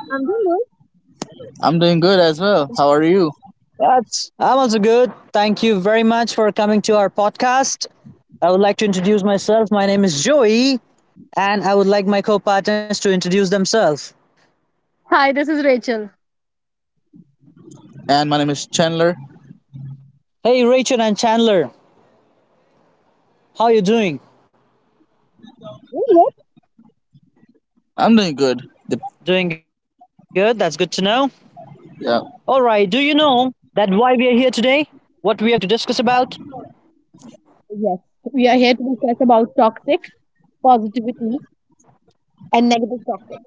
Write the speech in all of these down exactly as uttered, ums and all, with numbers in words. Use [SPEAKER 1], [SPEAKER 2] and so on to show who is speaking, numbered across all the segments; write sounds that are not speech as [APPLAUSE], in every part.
[SPEAKER 1] I'm doing good.
[SPEAKER 2] I'm doing good as well. How are you?
[SPEAKER 3] That's I'm also good. Thank you very much for coming to our podcast. I would like to introduce myself. My name is Joey and I would like my co-partners to introduce themselves.
[SPEAKER 1] Hi, this is Rachel.
[SPEAKER 2] And my name is Chandler.
[SPEAKER 3] Hey Rachel and Chandler, how are you doing?
[SPEAKER 1] Doing good.
[SPEAKER 2] I'm doing good.
[SPEAKER 3] Doing
[SPEAKER 2] The-
[SPEAKER 3] good. That's good to know. All right, do you know
[SPEAKER 2] yeah.
[SPEAKER 3] that why we are here today? What we are going to discuss about?
[SPEAKER 1] Yes, we are here to discuss about toxic positivity and negative toxic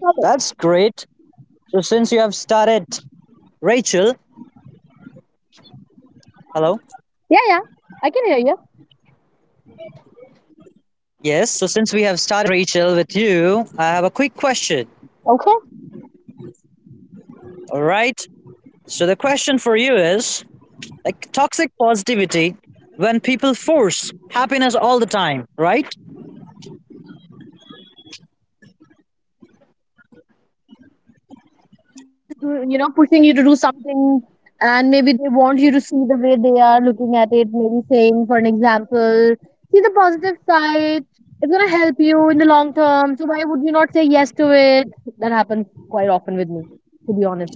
[SPEAKER 1] topic.
[SPEAKER 3] That's great. So since you have started Rachel, hello.
[SPEAKER 1] Yeah, yeah, I can hear you.
[SPEAKER 3] Yes, so since we have started Rachel with you, I have a quick question.
[SPEAKER 1] Okay.
[SPEAKER 3] All right. So the question for you is like toxic positivity when people force happiness all the time, right?
[SPEAKER 1] Do- You know, pushing you to do something, and maybe they want you to see the way they are looking at it, maybe saying, for an example, see the positive side. It's going to help you in the long term. So, why would you not say yes to it? That happens quite often with me, to be honest.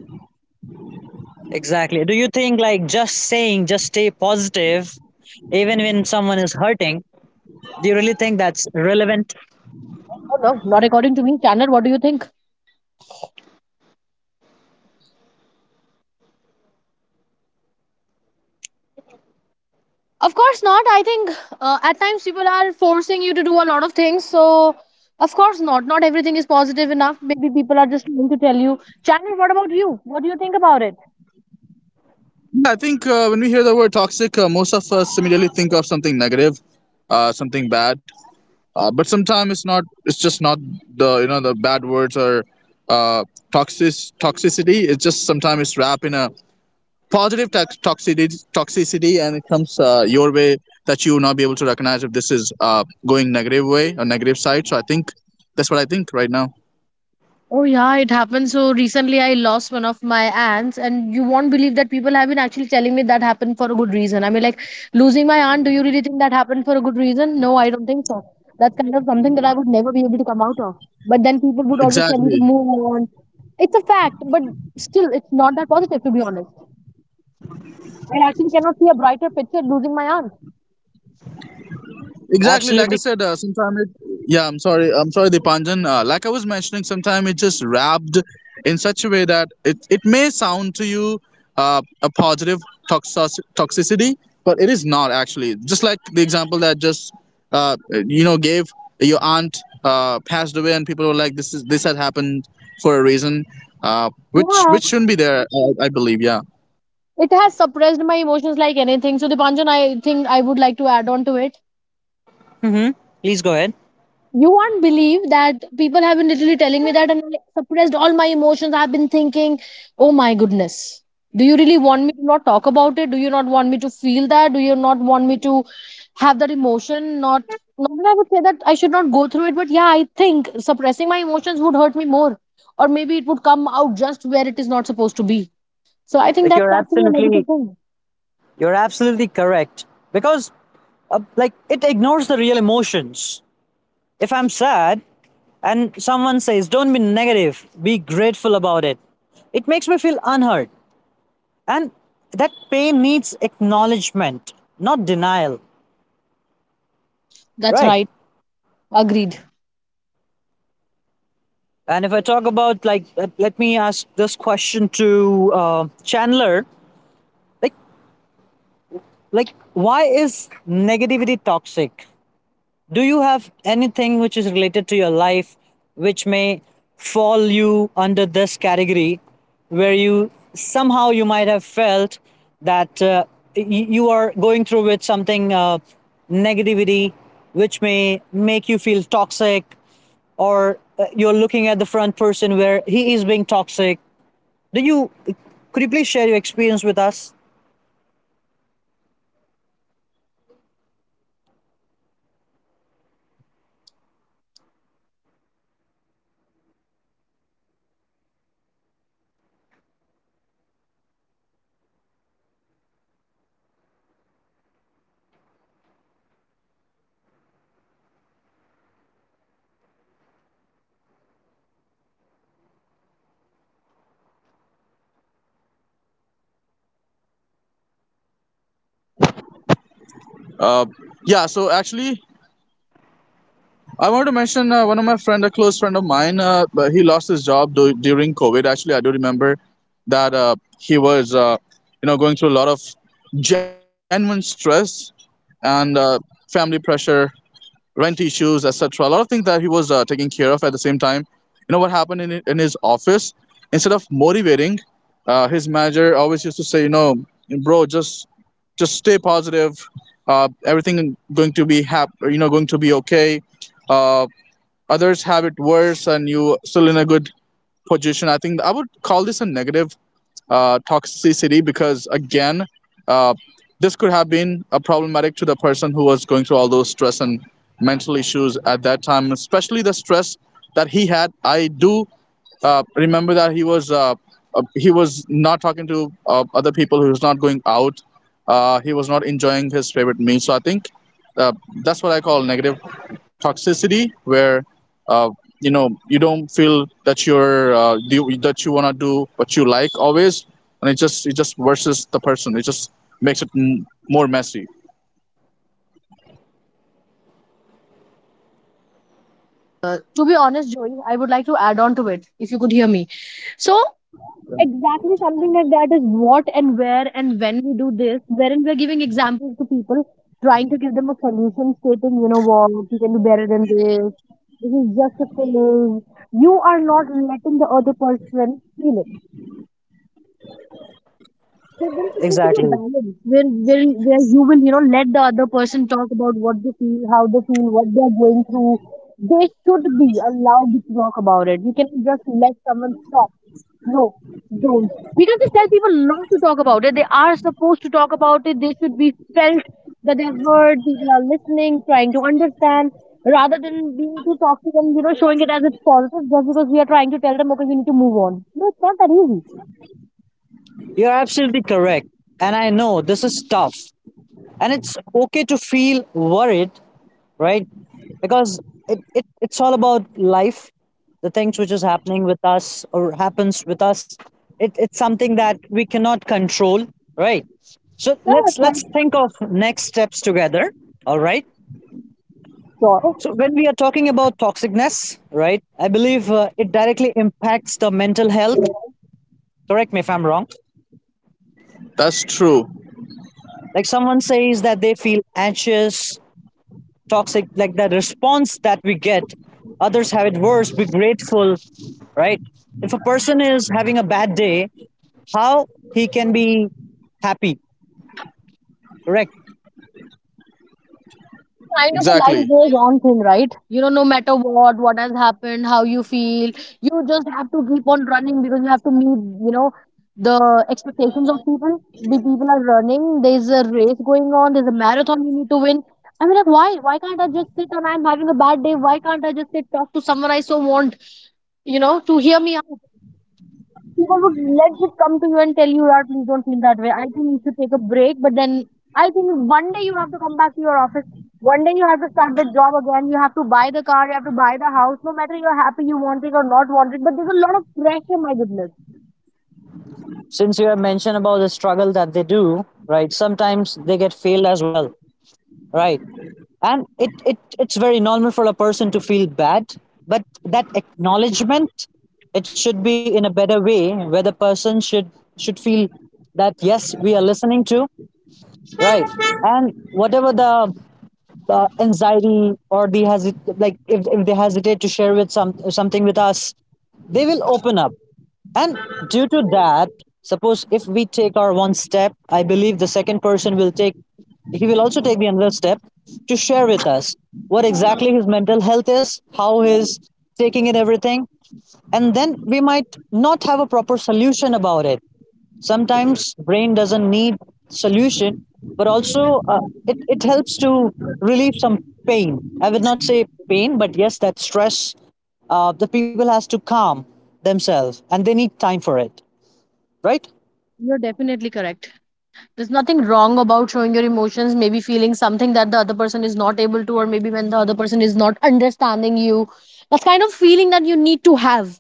[SPEAKER 3] Exactly. Do you think like just saying just stay positive even when someone is hurting, do you really think that's relevant?
[SPEAKER 1] Oh no, not according to me. Chandler, what do you think? Of course not. I think uh, at times people are forcing you to do a lot of things. So, of course not. Not everything is positive enough. Maybe people are just trying to tell you. Channel, what about you? What do you think about it?
[SPEAKER 2] Yeah, I think uh, when we hear the word toxic, uh, most of us immediately think of something negative, uh, something bad. Uh, but sometimes it's not. It's just not the you know the bad words or uh, toxic toxicity. It's just sometimes it's wrapped in a positive tox- toxicity toxicity, and it comes uh, your way that you will not be able to recognize if this is uh, going negative way or negative side. So I think that's what I think right now.
[SPEAKER 1] Oh, yeah, it happened. So, recently I lost one of my aunts, and you won't believe that people have been actually telling me that happened for a good reason. I mean, like, losing my aunt, do you really think that happened for a good reason? No, I don't think so. That's kind of something that I would never be able to come out of. But then people would always tell you to
[SPEAKER 2] Exactly.
[SPEAKER 1] move on. It's a fact, but still, it's not that positive, to be honest. I actually cannot see a brighter picture losing my aunt.
[SPEAKER 2] Exactly, like I said,
[SPEAKER 3] Absolutely.
[SPEAKER 2] uh, sometime it. Yeah, I'm sorry. I'm sorry, Dipanjan. Uh, like I was mentioning, sometime it just wrapped in such a way that it, it may sound to you uh, a positive toxos- toxicity, but it is not actually. Just like the example that just uh, you know gave your aunt uh, passed away, and people were like, "This is this had happened for a reason," uh, which
[SPEAKER 1] Yeah.
[SPEAKER 2] which shouldn't be there, I, I believe. Yeah.
[SPEAKER 1] It has suppressed my emotions like anything. So, Dipanjan, I think I would like to add on to it.
[SPEAKER 3] Mhm. Please go ahead.
[SPEAKER 1] You won't believe that people have been literally telling me that and I suppressed all my emotions. I've been thinking, oh my goodness. Do you really want me to not talk about it? Do you not want me to feel that? Do you not want me to have that emotion? Not, not that I would say that I should not go through it, but yeah, I think suppressing my emotions would hurt me more. Or maybe it would come out just where it is not supposed to be. So I think
[SPEAKER 3] Like
[SPEAKER 1] that's
[SPEAKER 3] you're
[SPEAKER 1] actually a negative
[SPEAKER 3] absolutely
[SPEAKER 1] thing.
[SPEAKER 3] you're absolutely correct, because uh, like it ignores the real emotions. If I'm sad and someone says don't be negative, be grateful about it, it makes me feel unhurt. And that pain needs acknowledgement, not denial,
[SPEAKER 1] That's
[SPEAKER 3] right?
[SPEAKER 1] right. Agreed.
[SPEAKER 3] And if I talk about like, uh, let me ask this question to uh, Chandler, like, like why is negativity toxic? Do you have anything which is related to your life which may fall you under this category where you somehow you might have felt that uh, y- you are going through with something, uh, negativity, which may make you feel toxic, or uh, you're looking at the front person where he is being toxic? Do you, could you please share your experience with us?
[SPEAKER 2] Uh, yeah. So actually, I want to mention uh, one of my friend, a close friend of mine. Uh, but he lost his job du- during COVID. Actually, I do remember that uh, he was, uh, you know, going through a lot of genuine stress and uh, family pressure, rent issues, et cetera. A lot of things that he was uh, taking care of at the same time. You know what happened in in his office? Instead of motivating, uh, his manager always used to say, you know, bro, just just stay positive. Uh, everything going to be hap- you know, going to be okay. Uh, Others have it worse and you still in a good position. I think I would call this a negative uh, toxicity, because again, uh, this could have been a problematic to the person who was going through all those stress and mental issues at that time, especially the stress that he had. I do uh, remember that he was uh, uh, he was not talking to uh, other people. He was not going out. Uh, he was not enjoying his favorite meal. So I think uh, that's what I call negative toxicity, where uh, you know you don't feel that you're uh, do, that you wanna do what you like always, and it just it just versus the person. It just makes it m- more messy.
[SPEAKER 1] To be honest, Joey, I would like to add on to it if you could hear me. So exactly something like that is what and where and when we do this, wherein we're giving examples to people, trying to give them a solution, stating, you know what, you can do better than this. This is just a phase. You are not letting the other person feel it there, there is supposed to
[SPEAKER 3] Exactly.
[SPEAKER 1] be a balance where, where where you will you know let the other person talk about what they feel, how they feel, what they are going through. They should be allowed to talk about it. You cannot just let someone talk. No, don't. We can just tell people not to talk about it. They are supposed to talk about it. They should be felt that they're heard. People are listening, trying to understand, rather than being too toxic and you know showing it as it's positive just because we are trying to tell them okay, you need to move on. No, it's not that easy.
[SPEAKER 3] You're absolutely correct, and I know this is tough, and it's okay to feel worried, right? Because it, it it's all about life. The things which is happening with us or happens with us, it, it's something that we cannot control, right? So
[SPEAKER 1] No,
[SPEAKER 3] let's
[SPEAKER 1] that's right.
[SPEAKER 3] let's think of next steps together. All right,
[SPEAKER 1] Sure.
[SPEAKER 3] so when we are talking about toxicness, right, I believe uh, it directly impacts the mental health. Correct me if I'm wrong.
[SPEAKER 2] That's true.
[SPEAKER 3] Like someone says that they feel anxious, toxic, like that response that we get: others have it worse, be grateful, right? If a person is having a bad day, how he can be happy, correct?
[SPEAKER 1] Kind of a
[SPEAKER 2] Exactly.
[SPEAKER 1] life goes on thing, right? You know, no matter what, what has happened, how you feel, you just have to keep on running because you have to meet, you know, the expectations of people. The people are running. There's a race going on. There's a marathon you need to win. I mean, like, why? Why can't I just sit and I'm having a bad day? Why can't I just sit talk to someone I so want, you know, to hear me out? People would legit come to you and tell you, "Yaar, please don't feel that way. I think you should take a break." But then I think one day you have to come back to your office. One day you have to start the job again. You have to buy the car. You have to buy the house. No matter you're happy, you want it or not want it. But there's a lot of pressure, my goodness.
[SPEAKER 3] Since you have mentioned about the struggle that they do, right, sometimes they get failed as well, right? And it, it it's very normal for a person to feel bad. But that acknowledgement, it should be in a better way, where the person should should feel that yes, we are listening to, right? And whatever the, uh, anxiety, or the hesit like if, if they hesitate to share with some something with us, they will open up. And due to that, suppose if we take our one step, I believe the second person will take, he will also take the another step to share with us what exactly his mental health is, how he's taking in everything. And then we might not have a proper solution about it. Sometimes brain doesn't need solution, but also, uh, it, it helps to relieve some pain. I would not say pain, but yes, that stress. Uh, the people has to calm themselves, and they need time for it, right?
[SPEAKER 1] You're definitely correct. There's nothing wrong about showing your emotions, maybe feeling something that the other person is not able to, or maybe
[SPEAKER 2] Loading.
[SPEAKER 1] when the other person is not
[SPEAKER 2] Loading.
[SPEAKER 1] understanding you. That's kind of feeling that you need to have.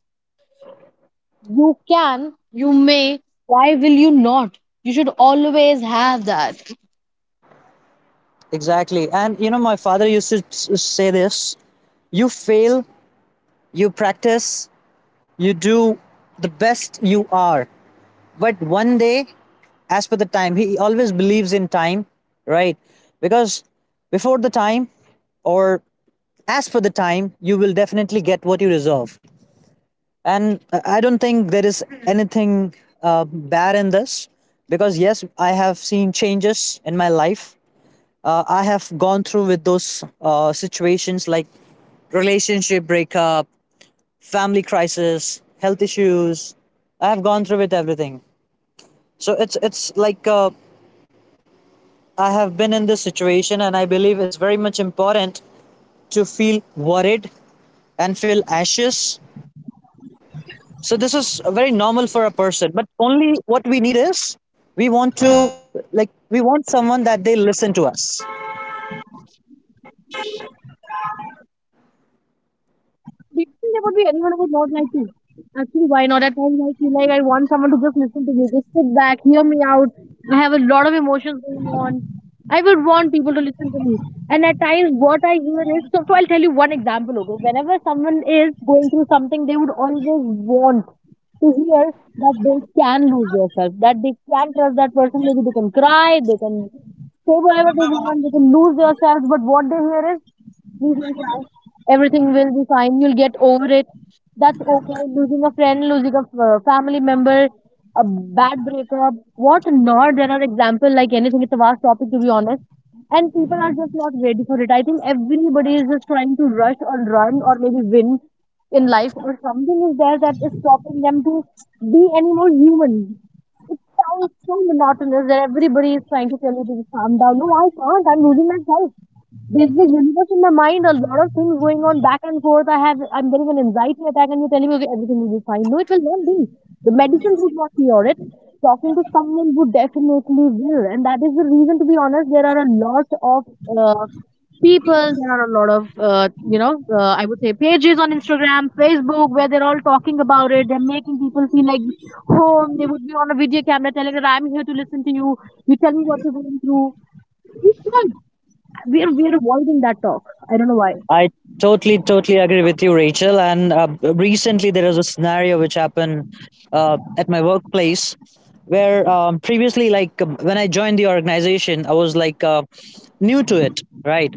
[SPEAKER 1] You can, you may, why will you not? You should always have that.
[SPEAKER 3] Exactly. And you know, my father used to s- say this: you fail, you practice, you do the best you are, but one day, as per the time, he always believes in time, right? Because before the time, or as for the time, you will definitely get what you deserve. And uh, I don't think there is anything uh, bad in this, because yes, I have seen changes in my life. uh, I have gone through with those, uh, situations like relationship breakup, family crisis, health issues, I have gone through with everything. So it's it's like, uh, I have been in this situation, and I believe it's very much important to feel worried and feel anxious. So this is very normal for a person, but only what we need is, we want to like we want someone that they listen to us.
[SPEAKER 1] Do you think there would be anyone who would not like to? Actually, why not? At times, I feel like I want someone to just listen to me, just sit back, hear me out. I have a lot of emotions going on. I would want people to listen to me. And at times, what I hear is so, so I'll tell you one example, okay? Whenever someone is going through something, they would always want to hear that they can lose themselves, that they can trust that person. Maybe they can cry, they can say whatever they want, they can lose themselves. But what they hear is please don't cry. Everything will be fine. You'll get over it. That's okay. Losing a friend, losing a uh, family member, a bad breakup, what not? There are examples like anything. It's a vast topic, to be honest. And people are just not ready for it. I think everybody is just trying to rush or run or maybe win in life, or something is there that is stopping them to be any more human. It sounds so monotonous that everybody is trying to tell you to just calm down. No, I can't. I'm losing myself. There's the universe in my mind, a lot of things going on back and forth. I have I'm getting an anxiety attack and you're telling me okay, everything will be fine. No, it will not be. The medicines would not cure it. Talking to someone would definitely will. And that is the reason to be honest, there are a lot of uh, people, there are a lot of uh, you know, uh, I would say pages on Instagram, Facebook where they're all talking about it. They're making people feel like home. They would be on a video camera telling that I'm here to listen to you. You tell me what you're going through. We sure we're we're avoiding that talk. I don't know why.
[SPEAKER 3] I totally totally agree with you, Rachel. And uh, recently there was a scenario which happened uh, at my workplace, where um, previously like, um, when I joined the organization, I was like, uh, new to it, right?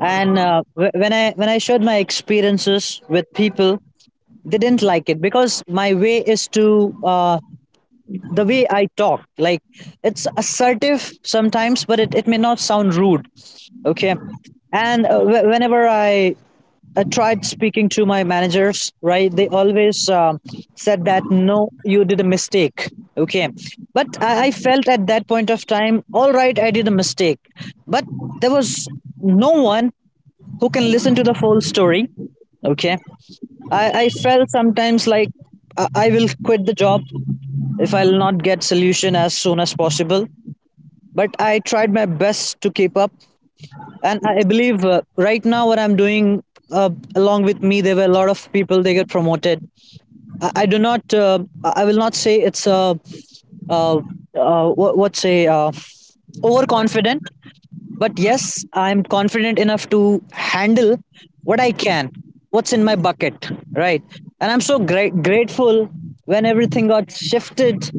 [SPEAKER 3] And uh, wh- when I when I shared my experiences with people, they didn't like it, because my way is to, uh, the way I talk. Like, it's assertive sometimes, but it, it may not sound rude. Okay. And uh, wh- whenever I uh, tried speaking to my managers, right, they always um, said that no, you did a mistake. Okay. But I, I felt at that point of time, all right, I did a mistake. But there was no one who can listen to the full story. Okay. I, I felt sometimes like I I will quit the job if I'll not get solution as soon as possible. But I tried my best to keep up, and I believe uh, right now what I'm doing, uh, along with me, there were a lot of people they get promoted. I, I do not, uh, I will not say it's a, uh, uh, what, what say, uh, overconfident. But yes, I'm confident enough to handle what I can, what's in my bucket, right? And I'm so great grateful when everything got shifted,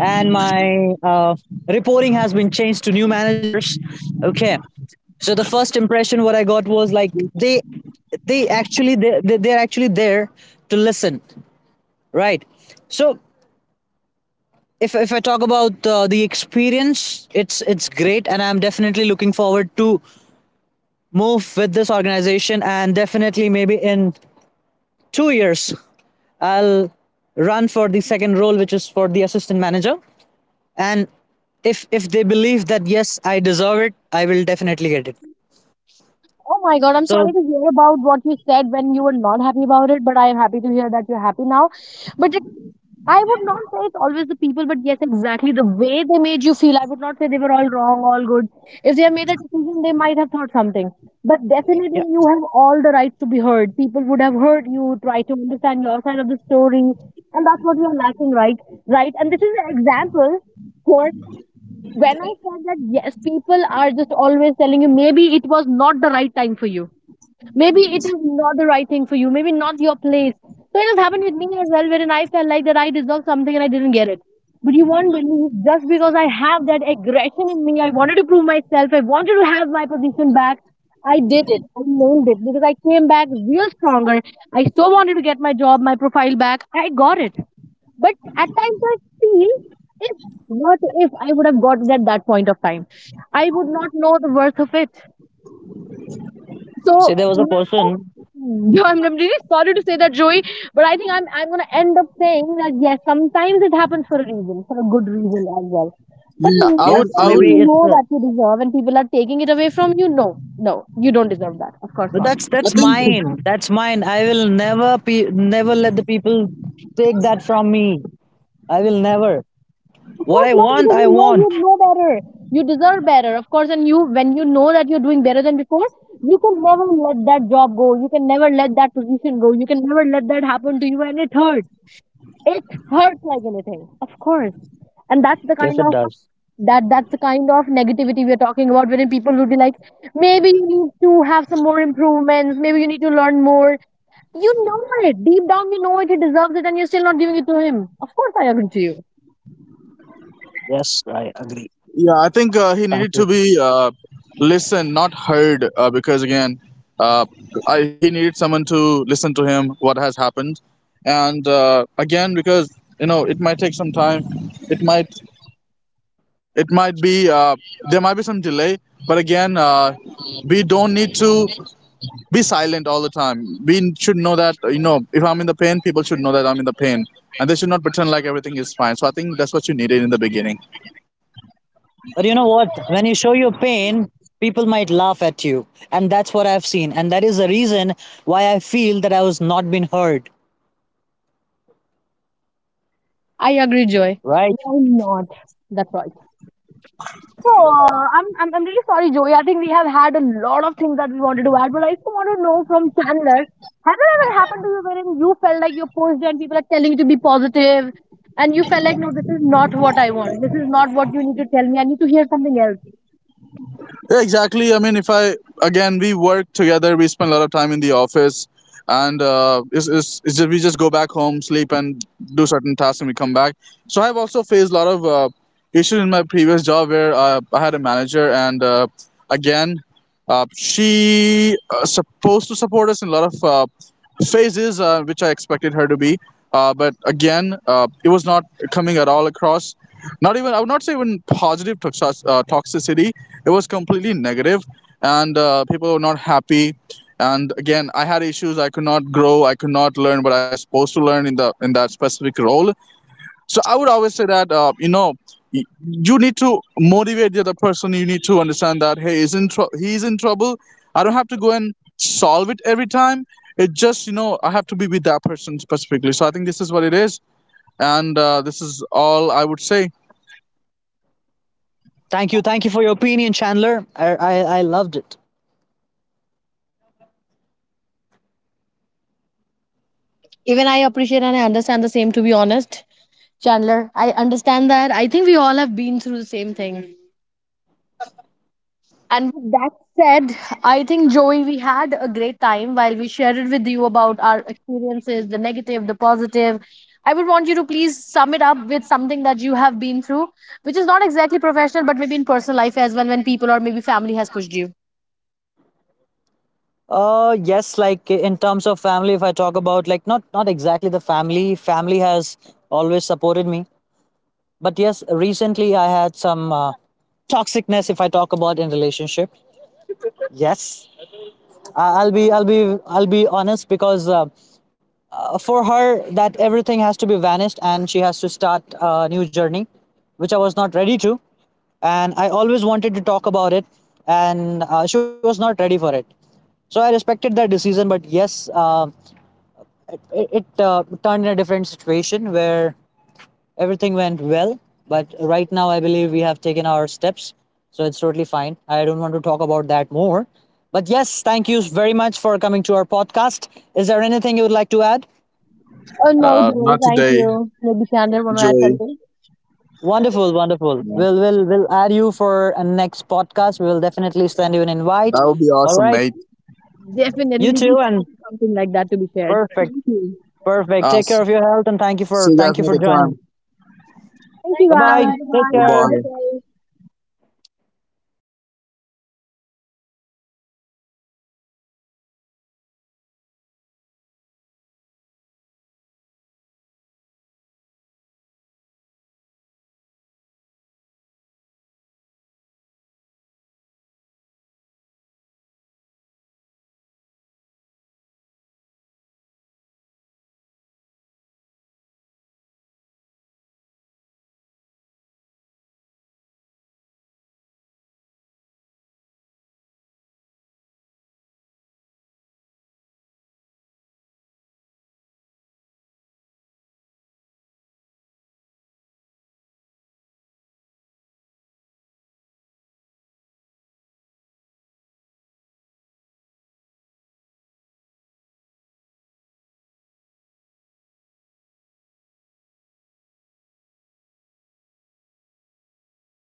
[SPEAKER 3] and my uh, reporting has been changed to new managers. Okay, so the first impression what I got was like they they actually they they- they're actually there to listen, right? So if if I talk about uh, the experience, it's it's great, and I'm definitely looking forward to move with this organization, and definitely maybe in two years, I'll run for the second role, which is for the assistant manager. And if if they believe that yes, I deserve it, I will definitely get it.
[SPEAKER 1] Oh my god, I'm
[SPEAKER 3] So
[SPEAKER 1] sorry to hear about what you said when you were not happy about it, but I am happy to hear that you're happy now. But it, I would not say it's always the people, but yes, exactly the way they made you feel. I would not say they were all wrong, all good. If they have made a decision, they might have thought something. But
[SPEAKER 3] yeah,
[SPEAKER 1] definitely, you have all the rights to be heard. People would have heard you, try to understand your side of the story, and that's what we are lacking, right? Right, and this is an example. For when I said that yes, people are just always telling you maybe it was not the right time for you. Maybe it is not the right thing for you. Maybe not your place. So it has happened with me as well, wherein I felt like that I deserved something and I didn't get it. But you won't believe just because I have that aggression in me, I wanted to prove myself, I wanted to have my position back. I did it. I nailed it because I came back real stronger. I so wanted to get my job, my profile back. I got it. But at times I feel if what if I would have gotten at that point of time? I would not know the worth of it. So
[SPEAKER 3] say there was a
[SPEAKER 1] [LAUGHS]
[SPEAKER 3] person.
[SPEAKER 1] yeah, I'm, I'm really sorry to say that, Joey, but I think I'm I'm gonna end up saying that yes, sometimes it happens for a reason, for a good reason as well. But
[SPEAKER 2] Yeah, I
[SPEAKER 1] not
[SPEAKER 2] would,
[SPEAKER 3] Yes,
[SPEAKER 2] I
[SPEAKER 1] when
[SPEAKER 2] would,
[SPEAKER 3] maybe
[SPEAKER 1] you
[SPEAKER 3] it's.
[SPEAKER 1] know
[SPEAKER 3] Uh,
[SPEAKER 1] that you deserve and people are taking it away from you. No, no, you don't deserve that. Of course
[SPEAKER 3] but
[SPEAKER 1] not.
[SPEAKER 3] that's
[SPEAKER 2] I
[SPEAKER 3] that's
[SPEAKER 2] think,
[SPEAKER 3] mine. That's mine. I will never, pe- never let the people take that from me. I will never.
[SPEAKER 1] Of
[SPEAKER 3] What
[SPEAKER 1] course
[SPEAKER 3] I
[SPEAKER 1] not,
[SPEAKER 3] want,
[SPEAKER 1] because
[SPEAKER 3] I
[SPEAKER 1] you know you
[SPEAKER 3] want.
[SPEAKER 1] know better. You deserve better, of course. And you, when you know that you're doing better than before, you can never let that job go. You can never let that position go. You can never let that happen to you, and it hurts. It hurts like anything, of course. And that's the
[SPEAKER 3] Yes,
[SPEAKER 1] kind
[SPEAKER 3] it
[SPEAKER 1] of
[SPEAKER 3] does.
[SPEAKER 1] that that's the kind of negativity we're talking about, wherein people would be like, maybe you need to have some more improvements. Maybe you need to learn more. You know it deep down. You know it. He deserves it, and you're still not giving it to him. Of course, I agree to you.
[SPEAKER 3] Yes, I agree.
[SPEAKER 2] yeah, I think uh, he
[SPEAKER 3] Thank
[SPEAKER 2] needed to
[SPEAKER 3] you.
[SPEAKER 2] be uh, listened, not heard, uh, because again, uh, I, he needed someone to listen to him, what has happened, and uh, again, because you know, it might take some time, it might, it might be, uh, there might be some delay, but again, uh, we don't need to be silent all the time. We should know that, you know, if I'm in the pain, people should know that I'm in the pain, and they should not pretend like everything is fine. So I think that's what you needed in the beginning.
[SPEAKER 3] But you know what? When you show your pain, people might laugh at you. And that's what I've seen. And that is the reason why I feel that I was not being heard.
[SPEAKER 1] I agree, Joy.
[SPEAKER 3] Right?
[SPEAKER 1] Why not? That's right. So uh, I'm, I'm I'm really sorry, Joey. I think we have had a lot of things that we wanted to add, but I still want to know from Chandler. Has it ever happened to you wherein you felt like you're pushed and people are telling you to be positive, and you felt like, no, this is not what I want. This is not what you need to tell me. I need to hear something else.
[SPEAKER 2] Yeah, exactly. I mean, if I again, we work together. We spend a lot of time in the office, and uh, it's, it's, it's just, we just go back home, sleep, and do certain tasks, and we come back. So I've also faced a lot of uh, issues in my previous job where uh, I had a manager, and uh, again, uh, she uh, supposed to support us in a lot of uh, phases, uh, which I expected her to be. Uh, but again, uh, it was not coming at all across. Not even, I would not say even positive toxi- uh, toxicity. It was completely negative, and uh, people were not happy, and again, I had issues. I could not grow, I could not learn what I was supposed to learn in the in that specific role. So I would always say that uh, you know, y- you need to motivate the other person. You need to understand that hey is in tr- he's in trouble. I don't have to go and solve it every time. It just, you know, I have to be with that person specifically. So I think this is what it is, and uh, this is all I would say.
[SPEAKER 3] Thank you. Thank you for your opinion, Chandler. I, I, I loved it.
[SPEAKER 1] Even I appreciate and I understand the same. To be honest, Chandler, I understand that. I think we all have been through the same thing. And with that said, I think, Joey, we had a great time while we shared it with you about our experiences, the negative, the positive. I would want you to please sum it up with something that you have been through, which is not exactly professional, but maybe in personal life as well, when people or maybe family has pushed you.
[SPEAKER 3] Uh yes, like in terms of family, if I talk about like, not not exactly the family. Family has always supported me. But yes, recently I had some, uh, toxicness, if I talk about in relationship. Yes, I- I'll be I'll be I'll be honest, because uh, for her that everything has to be vanished and she has to start a new journey, which I was not ready to, and I always wanted to talk about it. And uh, she was not ready for it. So I respected that decision, but yes, uh, it, it uh, turned in a different situation, where everything went well. But right now I believe we have taken our steps, so it's totally fine. I don't want to talk about that more. But yes, thank you very much for coming to our podcast. Is there anything you would like to add?
[SPEAKER 1] Oh, no,
[SPEAKER 2] Uh,
[SPEAKER 1] Joey,
[SPEAKER 2] not
[SPEAKER 1] thank
[SPEAKER 2] today,
[SPEAKER 1] you. Maybe Chandler want to add
[SPEAKER 2] Joey.
[SPEAKER 1] something?
[SPEAKER 3] Wonderful, wonderful.
[SPEAKER 2] Yeah.
[SPEAKER 3] We'll we'll we'll add you for a next podcast. We'll definitely send you an invite.
[SPEAKER 2] That would be
[SPEAKER 3] All
[SPEAKER 2] awesome,
[SPEAKER 3] right.
[SPEAKER 2] mate.
[SPEAKER 1] Definitely
[SPEAKER 3] You
[SPEAKER 1] looking
[SPEAKER 3] too,
[SPEAKER 1] forward
[SPEAKER 3] and
[SPEAKER 1] to something like that to be shared.
[SPEAKER 3] perfect.
[SPEAKER 1] Thank you.
[SPEAKER 3] Perfect.
[SPEAKER 2] Uh,
[SPEAKER 3] Take care
[SPEAKER 2] s-
[SPEAKER 3] of your health, and thank you
[SPEAKER 2] see
[SPEAKER 3] for
[SPEAKER 2] you guys
[SPEAKER 3] thank you for
[SPEAKER 2] another
[SPEAKER 3] joining.
[SPEAKER 2] time.
[SPEAKER 1] Thank you,
[SPEAKER 3] Bye
[SPEAKER 1] guys.
[SPEAKER 3] bye. Take
[SPEAKER 1] Bye-bye.
[SPEAKER 2] Bye
[SPEAKER 1] Have a
[SPEAKER 3] care.
[SPEAKER 1] great
[SPEAKER 2] bye.
[SPEAKER 1] day.